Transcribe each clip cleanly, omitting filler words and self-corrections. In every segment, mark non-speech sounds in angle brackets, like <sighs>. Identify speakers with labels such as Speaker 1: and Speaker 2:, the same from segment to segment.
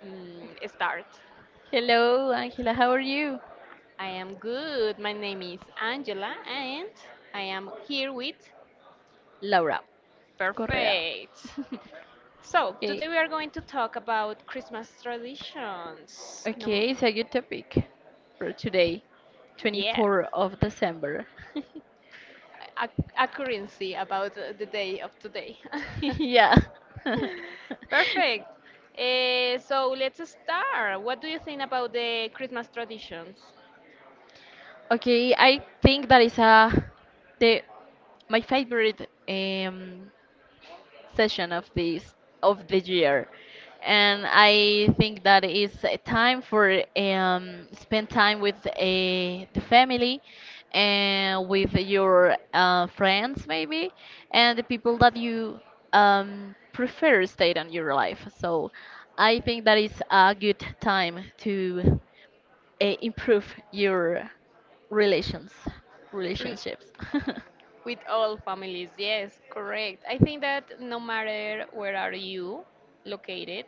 Speaker 1: Start.
Speaker 2: Hello, Angela. How are you?
Speaker 1: I am good. My name is Angela, and I am here with
Speaker 2: Laura Correa.
Speaker 1: Perfect. So, today
Speaker 2: Okay,
Speaker 1: we are going to talk about Christmas traditions.
Speaker 2: okay, it's a good topic for today,
Speaker 1: Yes,
Speaker 2: 24th of December. <laughs>
Speaker 1: a- accuracy about the day of today. <laughs>
Speaker 2: Yeah. <laughs>
Speaker 1: Perfect. So, let's start. What do you think about the Christmas traditions?
Speaker 2: Okay, I think that is a the my favorite session of the year, and I think that is a time for spend time with a the family, and with your friends maybe, and the people that you prefer stayed on your life. So I think that is a good time to improve your relations
Speaker 1: Re-
Speaker 2: relationships.
Speaker 1: With all families, yes, correct. I think that no matter where are you located,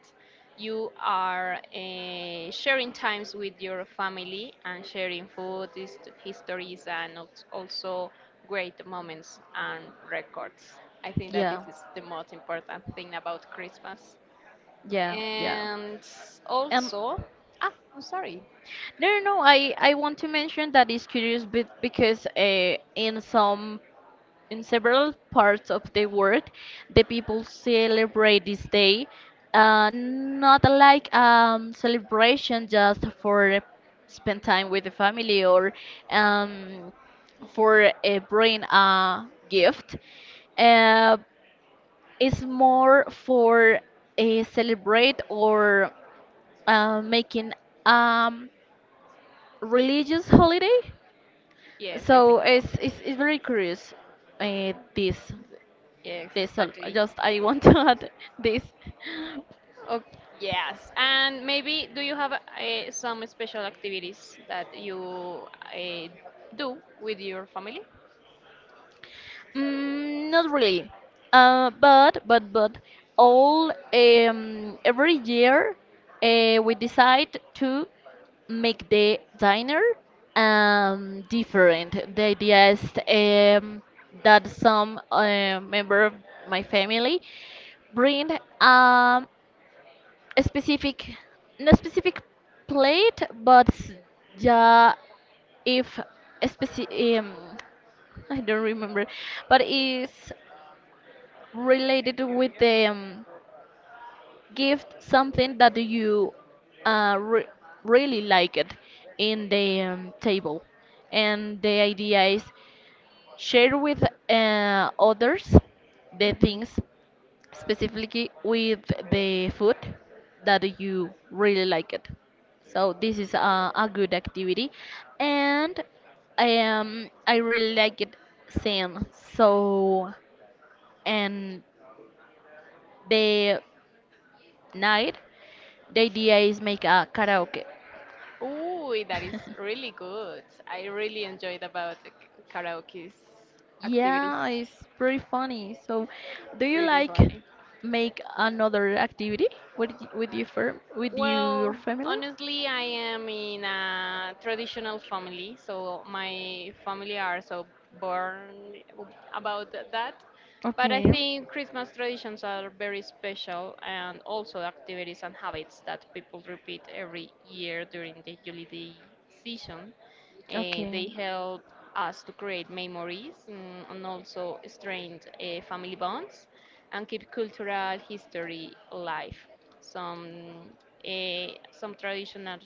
Speaker 1: you are sharing times with your family and sharing food, histories, and also great moments and records. I think that this
Speaker 2: <laughs> Yeah,
Speaker 1: is the most important thing about Christmas.
Speaker 2: yeah, yeah.
Speaker 1: And
Speaker 2: And
Speaker 1: also, ah, I'm sorry.
Speaker 2: no, no, no. I want to mention that it's curious because in some in several parts of the world, the people celebrate this day, not like celebration just for spend time with the family or um for bring a gift. Uh, it's more for a celebrate or making um religious holiday.
Speaker 1: Yes, I
Speaker 2: So
Speaker 1: think so.
Speaker 2: it's very curious. Uh, this
Speaker 1: Yes,
Speaker 2: this
Speaker 1: exactly.
Speaker 2: just I want to <laughs> add this.
Speaker 1: Oh, yes. And maybe do you have some special activities that you do with your family?
Speaker 2: Mm, not really. But all every year we decide to make the diner different. The idea is that some member of my family bring um, a specific no specific plate, yeah, if a speci- <laughs> I don't remember, but it's related with the gift, something that you uh, re- really like it in the table, and the idea is share with others the
Speaker 1: Hmm.
Speaker 2: things, specifically with the food that you really like it. So this is a good activity, and I really like it same. So, and the night, the idea is make a karaoke.
Speaker 1: Ooh, that is
Speaker 2: <laughs>
Speaker 1: really good. I really enjoyed about the karaoke's
Speaker 2: Yeah,
Speaker 1: activities.
Speaker 2: it's pretty funny. So, do you
Speaker 1: Pretty
Speaker 2: like
Speaker 1: funny.
Speaker 2: make another activity with your
Speaker 1: Well,
Speaker 2: family?
Speaker 1: honestly, I am in a traditional family, so my family are so born about that. But I
Speaker 2: Okay,
Speaker 1: think Christmas traditions are very special and also activities and habits that people repeat every year during the holiday season.
Speaker 2: okay,
Speaker 1: They help us to create memories and also strengthen family bonds and keep cultural history alive. Some some traditional,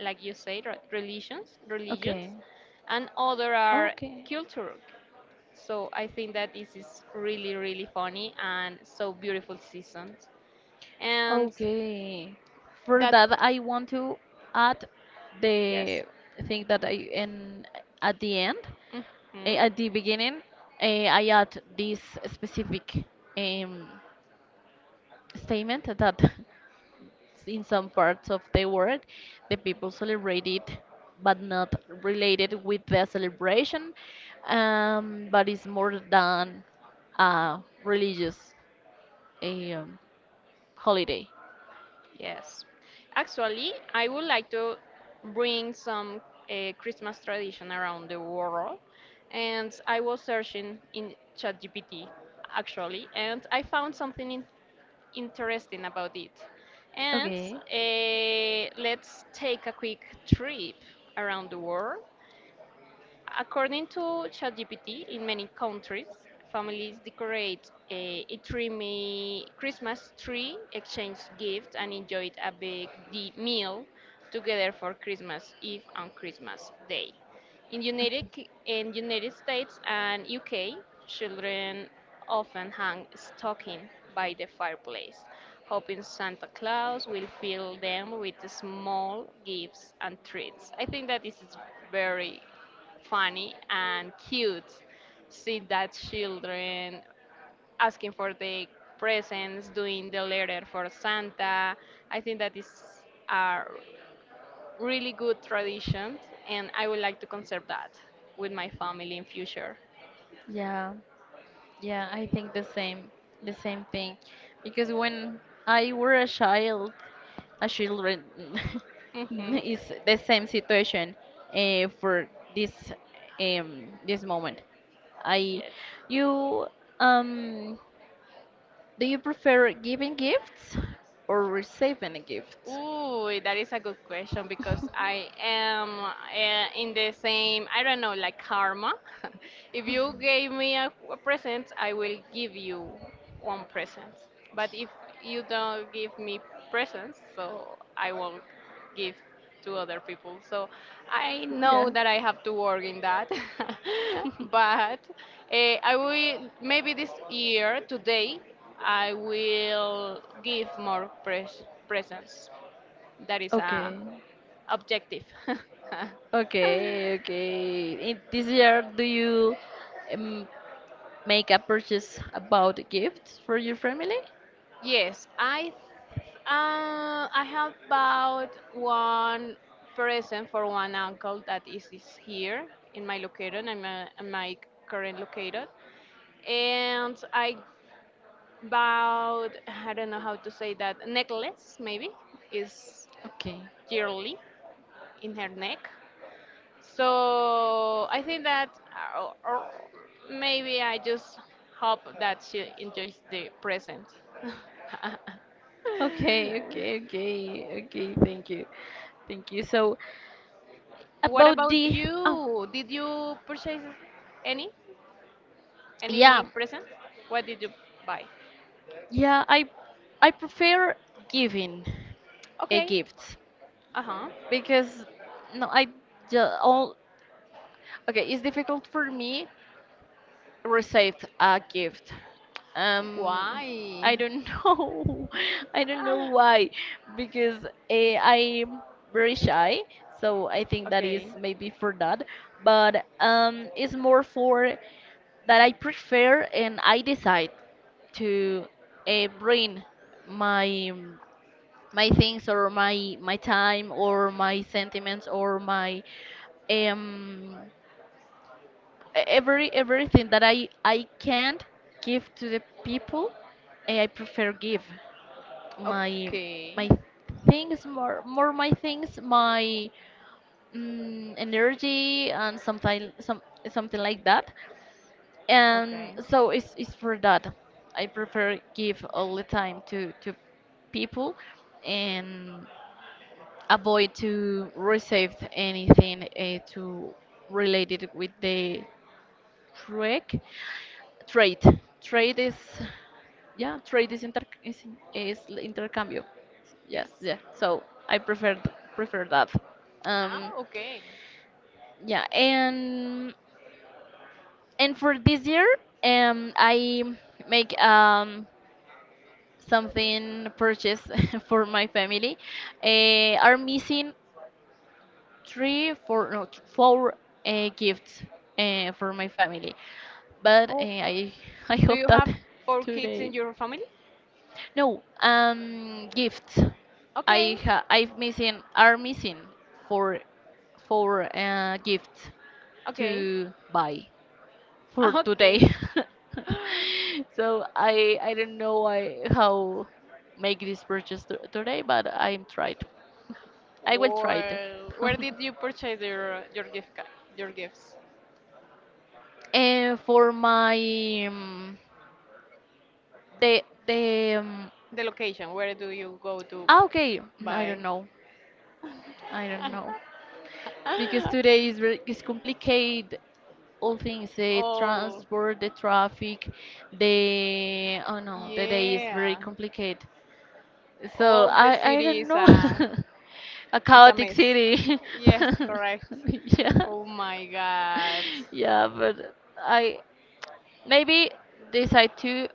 Speaker 1: like you say,
Speaker 2: okay,
Speaker 1: religions, and other are
Speaker 2: okay,
Speaker 1: cultural. So I think that this is really, really funny and so beautiful seasons. And
Speaker 2: okay. For
Speaker 1: that,
Speaker 2: that, I want to add
Speaker 1: yes.
Speaker 2: the thing that I in at the end,
Speaker 1: Hmm.
Speaker 2: at the beginning, I add this specific um, statement that <laughs> in some parts of the world, the people celebrate it, but not related with the celebration, but it's more than a religious um, holiday.
Speaker 1: Yes. Actually, I would like to bring some Christmas tradition around the world. And I was searching in ChatGPT, actually, and I found something in interesting about it. And
Speaker 2: Okay.
Speaker 1: let's take a quick trip around the world. According to ChatGPT, in many countries, families decorate a dreamy Christmas tree, exchange gifts, and enjoy a big meal together for Christmas Eve and Christmas Day. In
Speaker 2: Okay.
Speaker 1: United K- in United States and UK, children often hang stocking by the fireplace, hoping Santa Claus will fill them with small gifts and treats. I think that this is very funny and cute. See that children asking for the presents, doing the letter for Santa. I think that is a really good tradition, and I would like to conserve that with my family in future.
Speaker 2: Yeah. Yeah, I think the same thing. Because when I were a child, a children <laughs>
Speaker 1: Hmm.
Speaker 2: is the same situation for this this moment. I,
Speaker 1: Yes.
Speaker 2: you um, do you prefer giving gifts or receiving a gift?
Speaker 1: Ooh, that is a good question because
Speaker 2: <laughs>
Speaker 1: I am in the same, I don't know, like karma. <laughs> If you gave me a present, I will give you one present. But if you don't give me presents, so I won't give to other people. So I know
Speaker 2: Yeah.
Speaker 1: that I have to work in that. <laughs> But uh, I will, maybe this year, today, I will give more presents that is a
Speaker 2: Okay.
Speaker 1: objective. <laughs>
Speaker 2: Okay, okay. In this year, do you um, make a purchase about gifts for your family?
Speaker 1: Yes, I have bought one present for one uncle that is here in my location. I'm in my current location, and I bought I don't know how to say that necklace maybe is
Speaker 2: Okay.
Speaker 1: yearly in her neck. So I think that, or maybe I just hope that she enjoys the present. <laughs>
Speaker 2: Okay, okay, okay, okay. Thank you. Thank you. So,
Speaker 1: What
Speaker 2: about
Speaker 1: about
Speaker 2: the oh,
Speaker 1: you? Did you purchase any?
Speaker 2: yeah,
Speaker 1: Any present? What did you buy?
Speaker 2: yeah, I prefer giving a
Speaker 1: Okay.
Speaker 2: gift
Speaker 1: Uh-huh.
Speaker 2: because no, I just all, okay, it's difficult for me received a gift. Um,
Speaker 1: Why?
Speaker 2: I don't <laughs> know. I don't know
Speaker 1: Ah,
Speaker 2: why, because I'm very shy. So I think that is
Speaker 1: okay.
Speaker 2: maybe for that. But it's more for that I prefer, and I decide to bring my my things, or my time, or my sentiments, or my um everything that I can't give to the people. I prefer give my
Speaker 1: Okay.
Speaker 2: my things, more my things, my energy and something, something like that, and
Speaker 1: Okay.
Speaker 2: so it's for that. I prefer give all the time to people, and avoid to receive anything to related with the trick trade trade is, yeah, trade is inter, is intercambio,
Speaker 1: Yes.
Speaker 2: yes, yeah. So I prefer prefer that, um
Speaker 1: Ah, okay.
Speaker 2: yeah. And for this year, I make something purchase <laughs> for my family. Are missing three four no th- four gifts for my family, but
Speaker 1: Oh,
Speaker 2: I <laughs> I
Speaker 1: do
Speaker 2: hope
Speaker 1: you
Speaker 2: that
Speaker 1: have
Speaker 2: <laughs>
Speaker 1: four kids in
Speaker 2: today.
Speaker 1: your family?
Speaker 2: No, gifts.
Speaker 1: Okay.
Speaker 2: I've missing, are missing, for for gifts
Speaker 1: Okay.
Speaker 2: to buy for
Speaker 1: <laughs>
Speaker 2: today.
Speaker 1: Okay.
Speaker 2: <laughs> So I don't know why, how make this purchase to today, but I'm tried. I will try it.
Speaker 1: Well, where
Speaker 2: <laughs>
Speaker 1: did you purchase your gift card, your gifts?
Speaker 2: And for my um, the the
Speaker 1: The location, where do you go to
Speaker 2: ah, okay, I don't
Speaker 1: buy?
Speaker 2: know.
Speaker 1: <laughs>
Speaker 2: I don't know, because today is very, is complicated, all things, the
Speaker 1: Oh,
Speaker 2: transport, the traffic, the oh no, the day is very
Speaker 1: yeah.
Speaker 2: complicated. So
Speaker 1: All the
Speaker 2: I
Speaker 1: city
Speaker 2: don't know, <laughs> a
Speaker 1: is a
Speaker 2: chaotic
Speaker 1: mess.
Speaker 2: city. <laughs>
Speaker 1: Yes, correct.
Speaker 2: Yeah,
Speaker 1: Oh my God.
Speaker 2: yeah. But I maybe decide to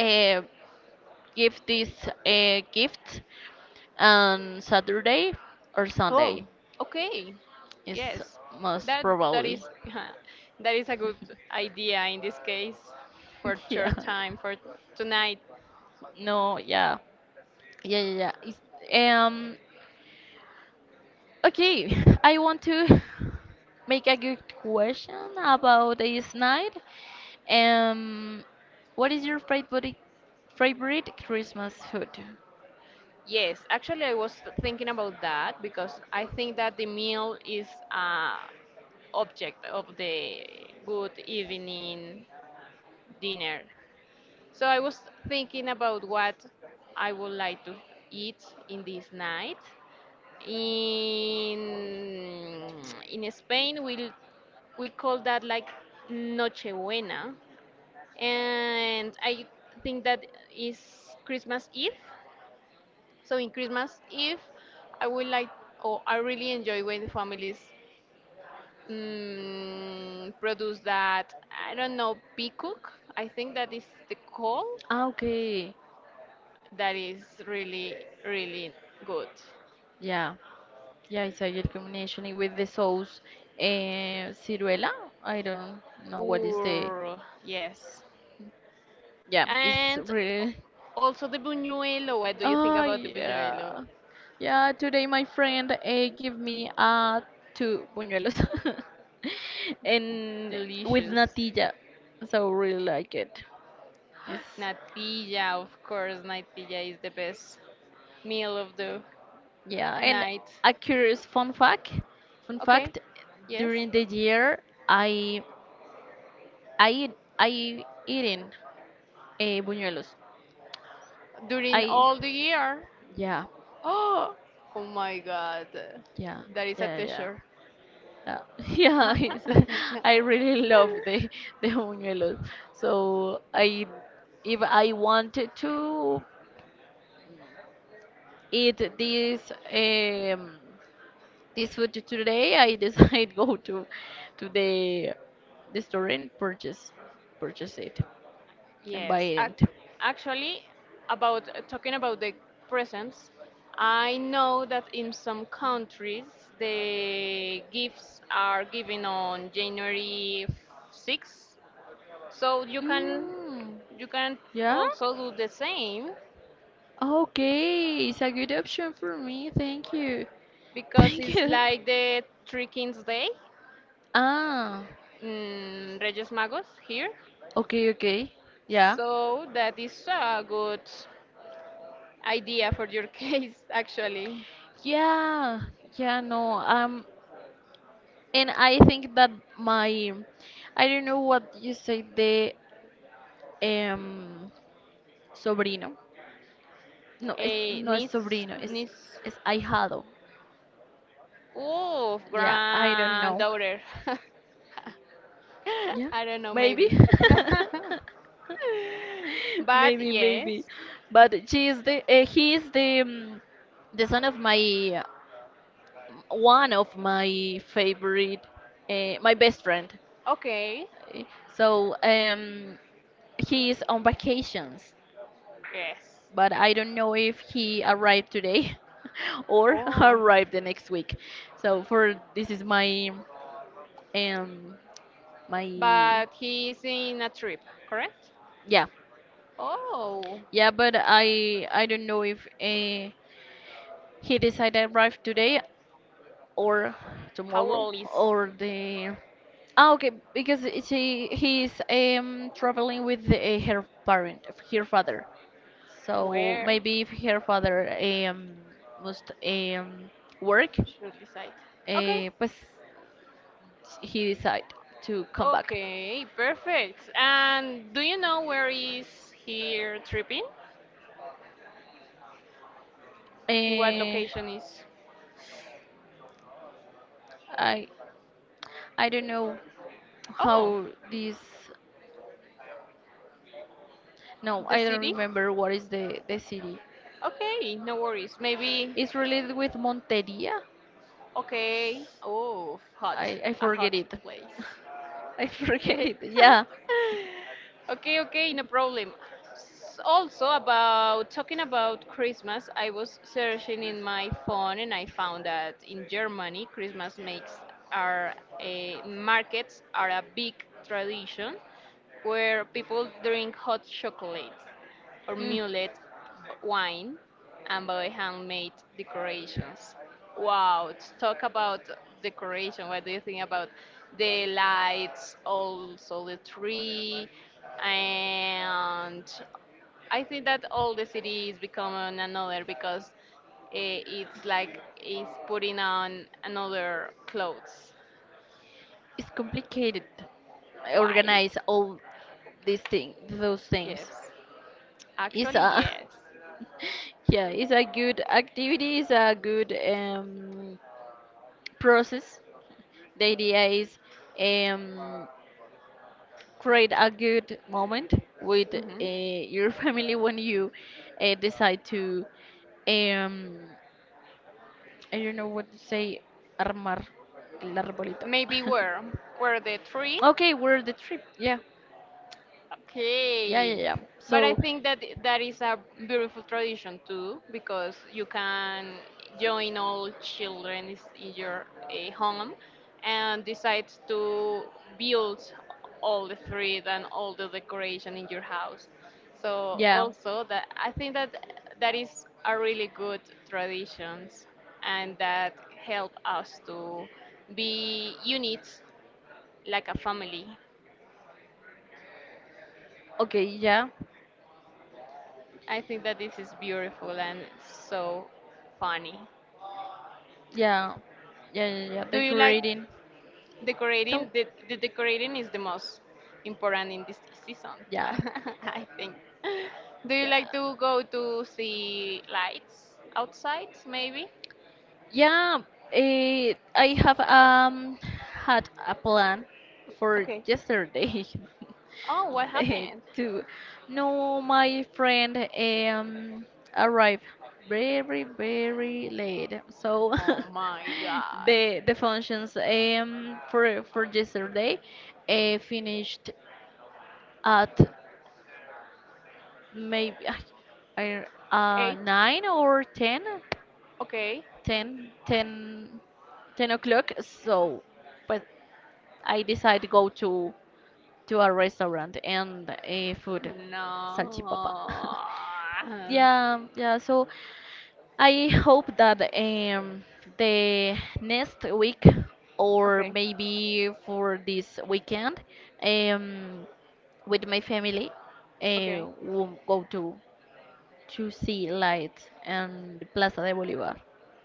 Speaker 2: uh, give this gift on Saturday or
Speaker 1: Oh,
Speaker 2: Sunday
Speaker 1: okay.
Speaker 2: is
Speaker 1: Yes,
Speaker 2: most
Speaker 1: that that is
Speaker 2: probably.
Speaker 1: <laughs> that is a good idea in this case for
Speaker 2: <laughs> Yeah.
Speaker 1: church time for tonight.
Speaker 2: No, yeah. Yeah, yeah, yeah. It's, um, okay, <laughs> I want to <laughs> make a good question about this night. Um, what is your favorite Christmas food?
Speaker 1: Yes, actually, I was thinking about that because I think that the meal is a object of the good evening dinner. So I was thinking about what I would like to eat in this night. In Spain, we call that like Nochebuena, and I think that is Christmas Eve. So in Christmas Eve, I would like, or I really enjoy when the families produce that. I don't know peacock. I think that is the call.
Speaker 2: Ah, okay.
Speaker 1: That is really really good.
Speaker 2: Yeah. Yeah, it's a good combination with the sauce. Ciruela? I don't know what is the.
Speaker 1: Or yes.
Speaker 2: Yeah, it's
Speaker 1: And
Speaker 2: really.
Speaker 1: also the buñuelo. What do you think
Speaker 2: Oh
Speaker 1: about the buñuelo?
Speaker 2: yeah. Yeah, today my friend gave me two buñuelos <laughs> and with
Speaker 1: Delicious.
Speaker 2: natilla. So really like it. Yes.
Speaker 1: Natilla, of course. Natilla is the best meal of the
Speaker 2: Yeah, and
Speaker 1: night.
Speaker 2: a curious fun fact. Fun
Speaker 1: Okay.
Speaker 2: fact,
Speaker 1: Yes.
Speaker 2: during the year, I I eating buñuelos.
Speaker 1: During
Speaker 2: I,
Speaker 1: all the year.
Speaker 2: yeah,
Speaker 1: Oh, oh my God.
Speaker 2: yeah,
Speaker 1: That is a
Speaker 2: yeah, yeah.
Speaker 1: t-shirt.
Speaker 2: Yeah, <laughs> yeah, it's,
Speaker 1: <laughs>
Speaker 2: <laughs> I really love the buñuelos. So I, if I wanted to eat this food today, I decide <laughs> go to to the the store and purchase it and buy
Speaker 1: Yes,
Speaker 2: it.
Speaker 1: actually, about talking about the presents, I know that in some countries the gifts are given on January 6th, so
Speaker 2: Mm,
Speaker 1: you can
Speaker 2: yeah.
Speaker 1: also do the same
Speaker 2: Okay, it's a good option for me. Thank you. <laughs>
Speaker 1: because
Speaker 2: Thank
Speaker 1: it's
Speaker 2: you.
Speaker 1: like the Three Kings Day
Speaker 2: Ah,
Speaker 1: in Reyes Magos here,
Speaker 2: okay, okay. Yeah.
Speaker 1: so that is a good idea for your <laughs> case actually.
Speaker 2: Yeah, yeah, no. And I think that my, I don't know what you say, the um, sobrino. No, it's
Speaker 1: A
Speaker 2: no es
Speaker 1: niece,
Speaker 2: sobrino,
Speaker 1: niece.
Speaker 2: it's ahijado.
Speaker 1: Ooh,
Speaker 2: Yeah, I don't know.
Speaker 1: granddaughter. <laughs>
Speaker 2: Yeah,
Speaker 1: I don't know,
Speaker 2: maybe.
Speaker 1: maybe. <laughs>
Speaker 2: <laughs>
Speaker 1: But
Speaker 2: Maybe,
Speaker 1: yes,
Speaker 2: maybe. But she is the he is the son of my one of my favorite my best friend.
Speaker 1: okay,
Speaker 2: So he is on vacations,
Speaker 1: yes.
Speaker 2: but I don't know if he arrived today <laughs> or <laughs>
Speaker 1: Oh,
Speaker 2: arrived the next week. So for this is um my,
Speaker 1: but he's in a trip, correct?
Speaker 2: yeah.
Speaker 1: Oh,
Speaker 2: Yeah, but I don't know if he decided to arrive today or
Speaker 1: how
Speaker 2: tomorrow
Speaker 1: old is?
Speaker 2: or the ah, okay, because she he's traveling with the, her parent, her father. So
Speaker 1: Where
Speaker 2: maybe if her father um, must work,
Speaker 1: should decide? Okay,
Speaker 2: pues he decide to come back.
Speaker 1: okay, perfect. And do you know where is here tripping? In what
Speaker 2: Eh,
Speaker 1: location is?
Speaker 2: I I don't know
Speaker 1: Oh,
Speaker 2: how this. No,
Speaker 1: the
Speaker 2: I don't
Speaker 1: city?
Speaker 2: remember what is the city.
Speaker 1: Okay, no worries. Maybe,
Speaker 2: It's related with Monteria.
Speaker 1: okay. Oh, hot.
Speaker 2: I
Speaker 1: A
Speaker 2: forget
Speaker 1: hot
Speaker 2: it.
Speaker 1: place.
Speaker 2: <laughs> I forget
Speaker 1: Okay.
Speaker 2: it. Yeah,
Speaker 1: <laughs> okay, okay, no problem. Also, about talking about Christmas, I was searching in my phone and I found that in Germany, Christmas makes are a markets are a big tradition where people drink hot chocolate or
Speaker 2: mm.
Speaker 1: mulled wine and by handmade decorations. Wow, talk about decoration. What do you think about the lights, also the tree? And I think that all the city is becoming another because it's like it's putting on another clothes.
Speaker 2: It's complicated. I
Speaker 1: Why?
Speaker 2: organize all these things, those things.
Speaker 1: Yes.
Speaker 2: It's
Speaker 1: Actually,
Speaker 2: a
Speaker 1: yes.
Speaker 2: <laughs> yeah, it's a good activity. It's a good process. The idea is um, create a good moment with
Speaker 1: Hmm.
Speaker 2: your <laughs> family when you decide to um, I don't know what to say. Armar el arbolito.
Speaker 1: Maybe where? Where the tree
Speaker 2: <laughs> okay, we're the trip. Yeah, yeah, yeah,
Speaker 1: Okay.
Speaker 2: yeah.
Speaker 1: But I
Speaker 2: So
Speaker 1: think that that is a beautiful tradition too, because you can join all children in your home and decide to build all the street and all the decoration in your house. So
Speaker 2: yeah,
Speaker 1: also that I think that that is a really good traditions and that help us to be units like a family.
Speaker 2: okay, yeah,
Speaker 1: I think that this is beautiful and so funny.
Speaker 2: yeah, yeah, yeah, yeah.
Speaker 1: Do you like
Speaker 2: Decorating. Tell.
Speaker 1: decorating? The decorating is the most important in this season, <laughs>
Speaker 2: Yeah,
Speaker 1: I think. Do you like
Speaker 2: yeah,
Speaker 1: to go to see lights outside, maybe?
Speaker 2: yeah. I have had a plan for
Speaker 1: Okay.
Speaker 2: yesterday.
Speaker 1: Oh, what
Speaker 2: <laughs> eh,
Speaker 1: happened?
Speaker 2: to no, my friend arrived very late. So
Speaker 1: Oh my
Speaker 2: <laughs>
Speaker 1: god.
Speaker 2: the functions for yesterday finished at maybe I-
Speaker 1: Eight?
Speaker 2: 9 or 10,
Speaker 1: Okay.
Speaker 2: 10, 10, 10 o'clock. So, but I decide to go to a restaurant and a food, salchipapa.
Speaker 1: No.
Speaker 2: <laughs> Yeah, yeah. So I hope that the next week, or
Speaker 1: Okay.
Speaker 2: maybe for this weekend, um with my family
Speaker 1: Okay.
Speaker 2: we'll go to see lights and Plaza de Bolívar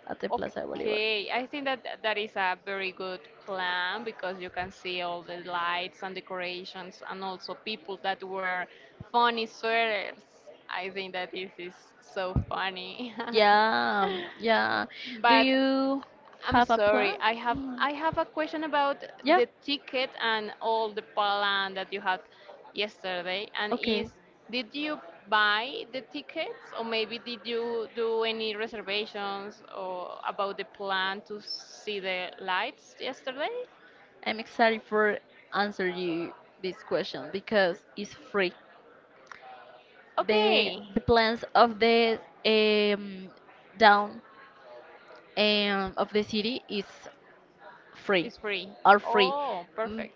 Speaker 2: at the Plaza de Bolívar.
Speaker 1: Okay, I think that that is a very good plan because you can see all the lights and decorations and also people that wear funny sweaters. I think that this is so funny. <laughs>
Speaker 2: Yeah, yeah. Do
Speaker 1: But
Speaker 2: you
Speaker 1: I'm
Speaker 2: have a
Speaker 1: sorry.
Speaker 2: plan? Mm,
Speaker 1: I have a question about
Speaker 2: yeah,
Speaker 1: the ticket and all the plan that you had yesterday. And
Speaker 2: okay.
Speaker 1: is did you buy the tickets or maybe did you do any reservations or about the plan to see the lights yesterday?
Speaker 2: I'm excited for answer you this question because it's free.
Speaker 1: Okay,
Speaker 2: The plans of the um down of the city is free,
Speaker 1: it's free.
Speaker 2: are free.
Speaker 1: Oh,
Speaker 2: Mm,
Speaker 1: perfect.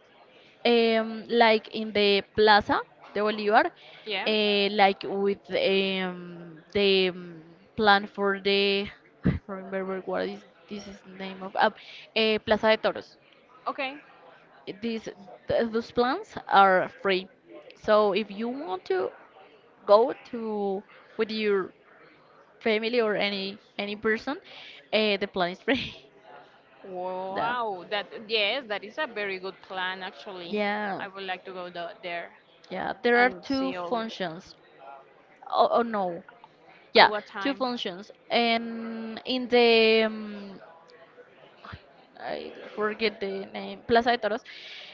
Speaker 2: like in the Plaza de Bolivar,
Speaker 1: Yeah.
Speaker 2: like with the plan for the <laughs> I don't remember what is this is name of Plaza de Toros.
Speaker 1: Okay.
Speaker 2: These those plans are free. So if you want to go to with your family or any person, the plan is free. <laughs> No.
Speaker 1: Wow. That yes, that is a very good plan actually.
Speaker 2: Yeah,
Speaker 1: I would like to go there
Speaker 2: yeah. There are
Speaker 1: and
Speaker 2: two
Speaker 1: see all
Speaker 2: functions. Oh, oh no.
Speaker 1: At
Speaker 2: Yeah,
Speaker 1: what
Speaker 2: two
Speaker 1: time?
Speaker 2: functions. And in the I forget the name, Plaza de Toros.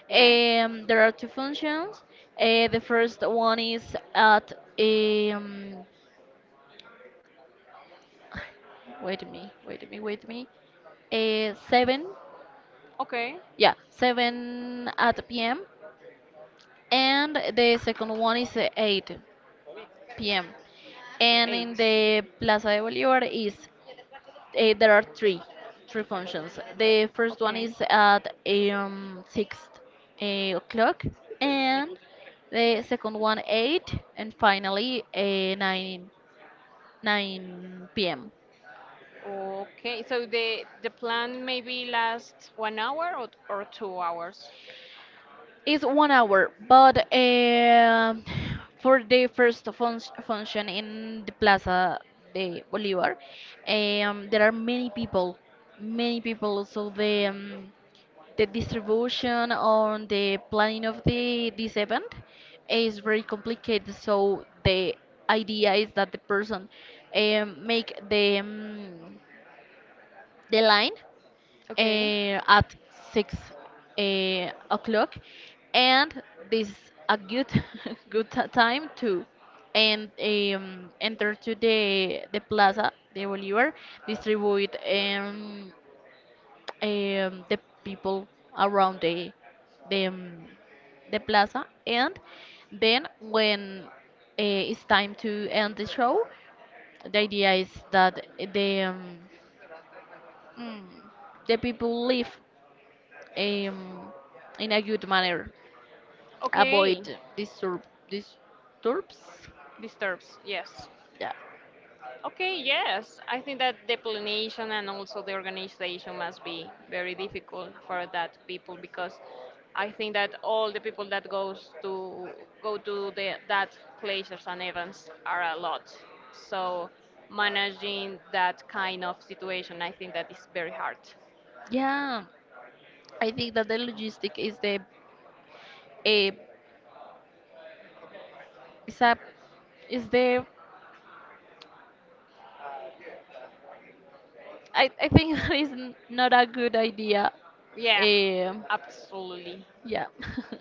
Speaker 1: Yeah.
Speaker 2: There are two functions. The first one is at um, <sighs> wait a minute, wait a minute, wait a minute. Uh, seven,
Speaker 1: Okay.
Speaker 2: yeah, 7 p.m. And the second one is 8 p.m. And in
Speaker 1: Eight.
Speaker 2: the Plaza de Bolívar is there are three functions. The first one
Speaker 1: Okay.
Speaker 2: is at 6 o'clock, and the second one 8, and finally nine p.m.
Speaker 1: Okay. So the plan maybe lasts 1 hour or 2 hours.
Speaker 2: It's 1 hour, but for the first fun function in the Plaza de Bolívar, there are many people, many people. So the distribution on the planning of the this event is very complicated. So the idea is that the person make the line
Speaker 1: Okay.
Speaker 2: at six o'clock, and this a good <laughs> good time to and enter to the plaza the Bolívar, distribute the people around the um, the plaza, and then when it's time to end the show, the idea is that the mm, the people live um, in a good manner,
Speaker 1: Okay.
Speaker 2: avoid disturbs.
Speaker 1: Disturbs. Yes.
Speaker 2: Yeah,
Speaker 1: Okay, yes. I think that the planning and also the organization must be very difficult for that people because I think that all the people that goes to go to the that places and events are a lot. So managing that kind of situation, I think that is very hard.
Speaker 2: yeah. I think that the logistic is the a is a is the I think <laughs> that is not a good idea.
Speaker 1: Yeah,
Speaker 2: Um,
Speaker 1: absolutely.
Speaker 2: yeah. <laughs>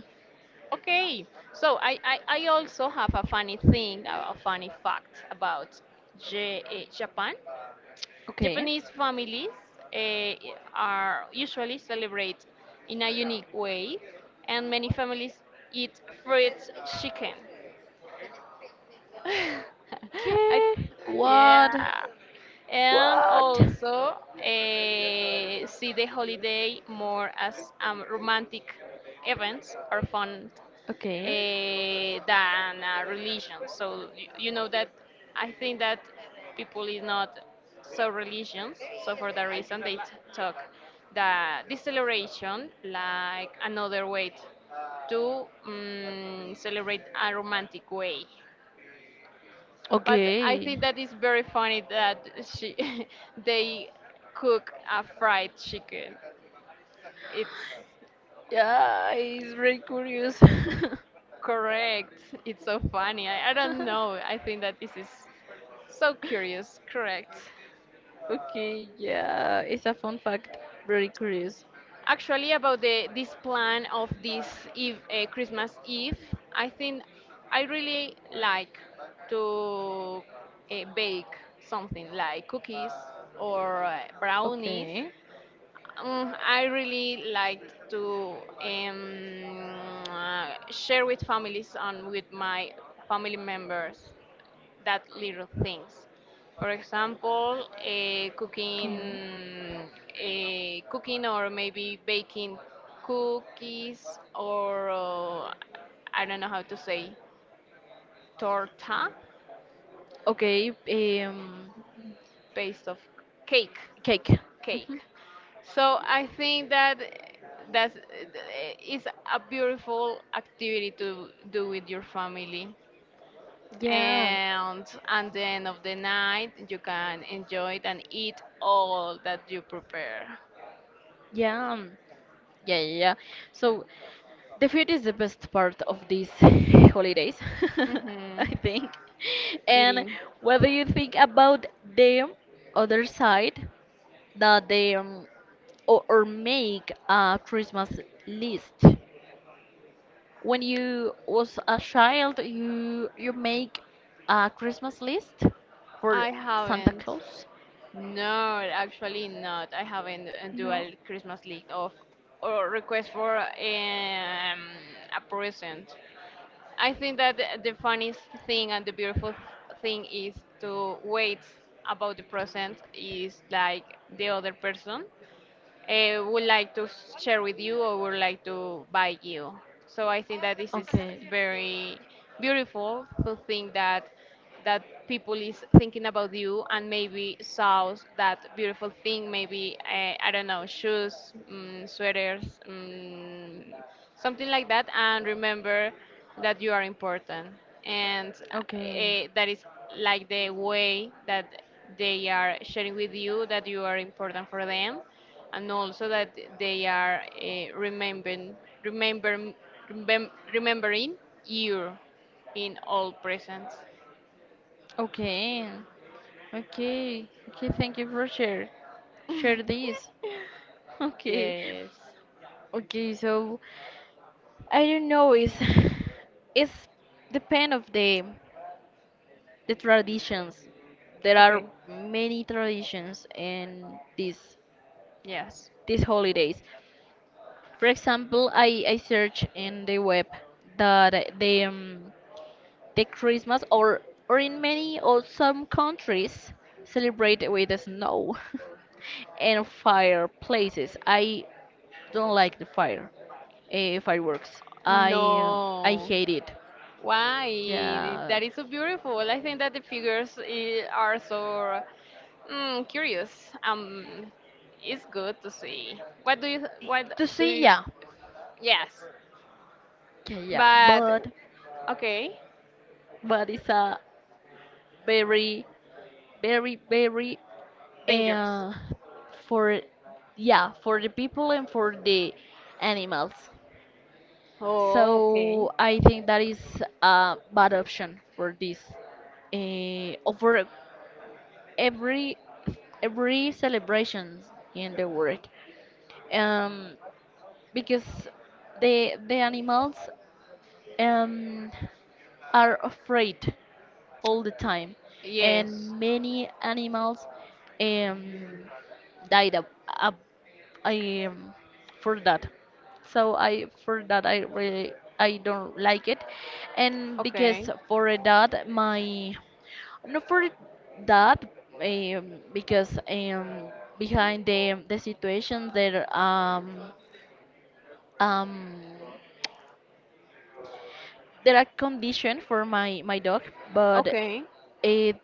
Speaker 1: Okay, so I also have a funny thing, a funny fact about Japan.
Speaker 2: Okay.
Speaker 1: Japanese families eh, are usually celebrate in a unique way, and many families eat fried chicken. <laughs> I,
Speaker 2: Okay. What?
Speaker 1: yeah, and
Speaker 2: What?
Speaker 1: also see the holiday more as romantic events or fun
Speaker 2: Okay.
Speaker 1: than religion. So you know that I think that people is not so religious. So for that reason, they talk the this celebration like another way to celebrate a romantic way. But I
Speaker 2: Okay.
Speaker 1: think that is very funny that she <laughs> they cook a fried chicken. It's
Speaker 2: Yeah, it's very curious. <laughs>
Speaker 1: Correct. It's so funny. I don't know. I think that this is so curious. Correct.
Speaker 2: Okay, yeah, it's a fun fact. Very curious.
Speaker 1: Actually, about the this plan of this Eve, Christmas Eve, I think I really like to bake something like cookies or brownies.
Speaker 2: Okay.
Speaker 1: I really like to um, share with families and with my family members. That little things. For example,
Speaker 2: Okay.
Speaker 1: cooking or maybe baking cookies or I don't know how to say torta
Speaker 2: Okay, um,
Speaker 1: based of cake,
Speaker 2: cake.
Speaker 1: cake.
Speaker 2: Mhm.
Speaker 1: So I think that that's is a beautiful activity to do with your family.
Speaker 2: Yeah,
Speaker 1: And at the end of the night you can enjoy it and eat all that you prepare.
Speaker 2: yeah, yeah, yeah, yeah. So, the food is the best part of these <laughs> holidays, <laughs> I
Speaker 1: Hmm.
Speaker 2: think. And
Speaker 1: Eating.
Speaker 2: what do you think about the other side that they or make a Christmas list? When you was a child, you make a Christmas list for
Speaker 1: I
Speaker 2: Santa
Speaker 1: haven't.
Speaker 2: Claus?
Speaker 1: No, actually not. I haven't do
Speaker 2: No.
Speaker 1: a Christmas list of or request for a present. I think that the funniest thing and the beautiful thing is to wait about the present is like the other person would like to share with you or would like to buy you. So I think that this is
Speaker 2: Okay.
Speaker 1: very beautiful to think that that people is thinking about you and maybe saw that beautiful thing, maybe I don't know shoes, sweaters, something like that, and remember that you are important and
Speaker 2: Okay.
Speaker 1: that is like the way that they are sharing with you that you are important for them and also that they are remember, remembering you in all presence.
Speaker 2: Okay. Okay. Okay, thank you for share this. <laughs> Okay.
Speaker 1: Yes.
Speaker 2: Okay, so I don't know, it's <laughs> it's depend of the traditions. There are
Speaker 1: Okay.
Speaker 2: many traditions in
Speaker 1: Yes.
Speaker 2: these holidays. For example, I search in the web that the Christmas or in many or some countries celebrate with the snow <laughs> and fireplaces. I don't like the fireworks. I
Speaker 1: No.
Speaker 2: hate it.
Speaker 1: Why?
Speaker 2: Yeah,
Speaker 1: That is so beautiful. I think that the figures are so curious. It's good to see. What do you? What
Speaker 2: to
Speaker 1: do
Speaker 2: see,
Speaker 1: you?
Speaker 2: yeah,
Speaker 1: Yes.
Speaker 2: yeah, yeah.
Speaker 1: But
Speaker 2: But
Speaker 1: okay.
Speaker 2: it's a very very
Speaker 1: Dangerous.
Speaker 2: uh, for, yeah, for the people and for the animals.
Speaker 1: Oh, okay.
Speaker 2: So I think that is a bad option for this over every every celebrations in the world, um, because the animals um, are afraid all the time,
Speaker 1: Yes.
Speaker 2: and many animals um, died up, up um, for that. So I, for that, I really, I don't like it. And because
Speaker 1: Okay.
Speaker 2: for that my, not for that because behind the situation there um there are conditions for my dog. But
Speaker 1: Okay.
Speaker 2: it,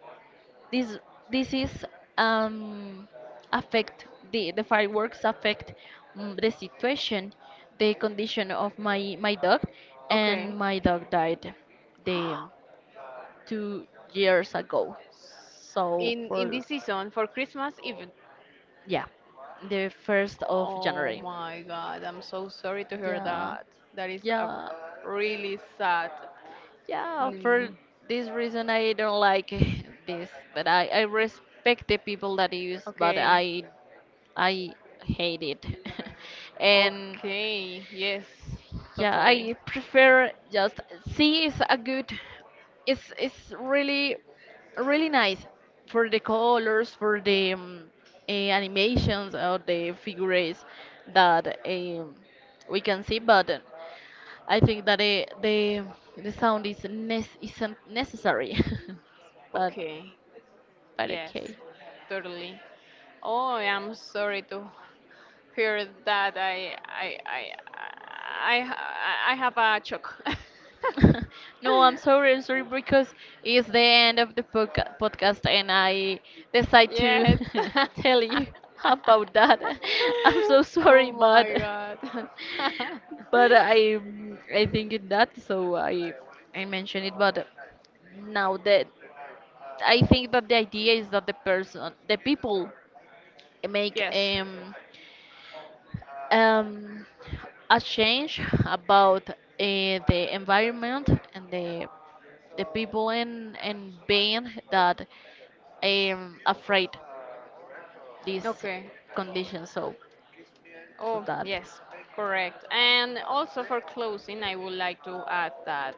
Speaker 2: this this is um affect the fireworks affect, the situation, the condition of my dog,
Speaker 1: Okay.
Speaker 2: and my dog died the
Speaker 1: <gasps>
Speaker 2: 2 years ago. So
Speaker 1: In
Speaker 2: for,
Speaker 1: this season for Christmas even.
Speaker 2: yeah, the first of
Speaker 1: Oh
Speaker 2: January.
Speaker 1: my God, I'm so sorry to hear
Speaker 2: Yeah,
Speaker 1: that. That is a
Speaker 2: yeah.
Speaker 1: really sad.
Speaker 2: Yeah, for
Speaker 1: Mm,
Speaker 2: this reason I don't like <laughs> this, but I respect the people that use, but
Speaker 1: okay.
Speaker 2: I hate it. <laughs> And
Speaker 1: Okay. Yes.
Speaker 2: yeah,
Speaker 1: Totally.
Speaker 2: I prefer just C is a good, it's really nice for the colors, for the animations or the figures that we can see, but I think that the sound is isn't necessary. <laughs> but
Speaker 1: Okay.
Speaker 2: but
Speaker 1: Yes.
Speaker 2: okay.
Speaker 1: Totally. Oh, I'm sorry to hear that. I have a shock.
Speaker 2: <laughs> No, I'm
Speaker 1: <laughs>
Speaker 2: sorry, I'm sorry, because it's the end of the podcast, and I decide to
Speaker 1: Yes.
Speaker 2: <laughs> tell you
Speaker 1: <laughs>
Speaker 2: <laughs> about that. <laughs> I'm so sorry,
Speaker 1: Oh
Speaker 2: but
Speaker 1: my God. <laughs>
Speaker 2: but I think in that, so I mentioned it. But now that I think that the idea is that the person, the people make
Speaker 1: Yes.
Speaker 2: Um, a change about the environment and the people in being that afraid these
Speaker 1: Okay.
Speaker 2: conditions. So, so
Speaker 1: Oh,
Speaker 2: that,
Speaker 1: yes, correct. And also for closing, I would like to add that.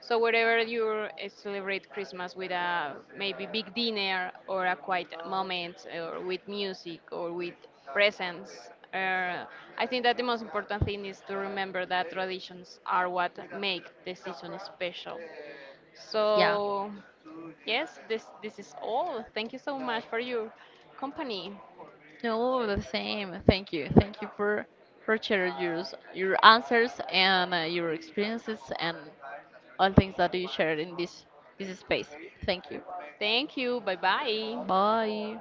Speaker 1: So wherever you celebrate Christmas with a maybe big dinner or a quiet moment or with music or with presents, I think that the most important thing is to remember that traditions are what make the season special.
Speaker 2: yeah.
Speaker 1: So, yes, this is all. Thank you so much for your company.
Speaker 2: No, the same. Thank you for sharing your your answers, and your experiences and all things that you shared in this space. Thank you.
Speaker 1: Thank you. Bye bye.
Speaker 2: Bye.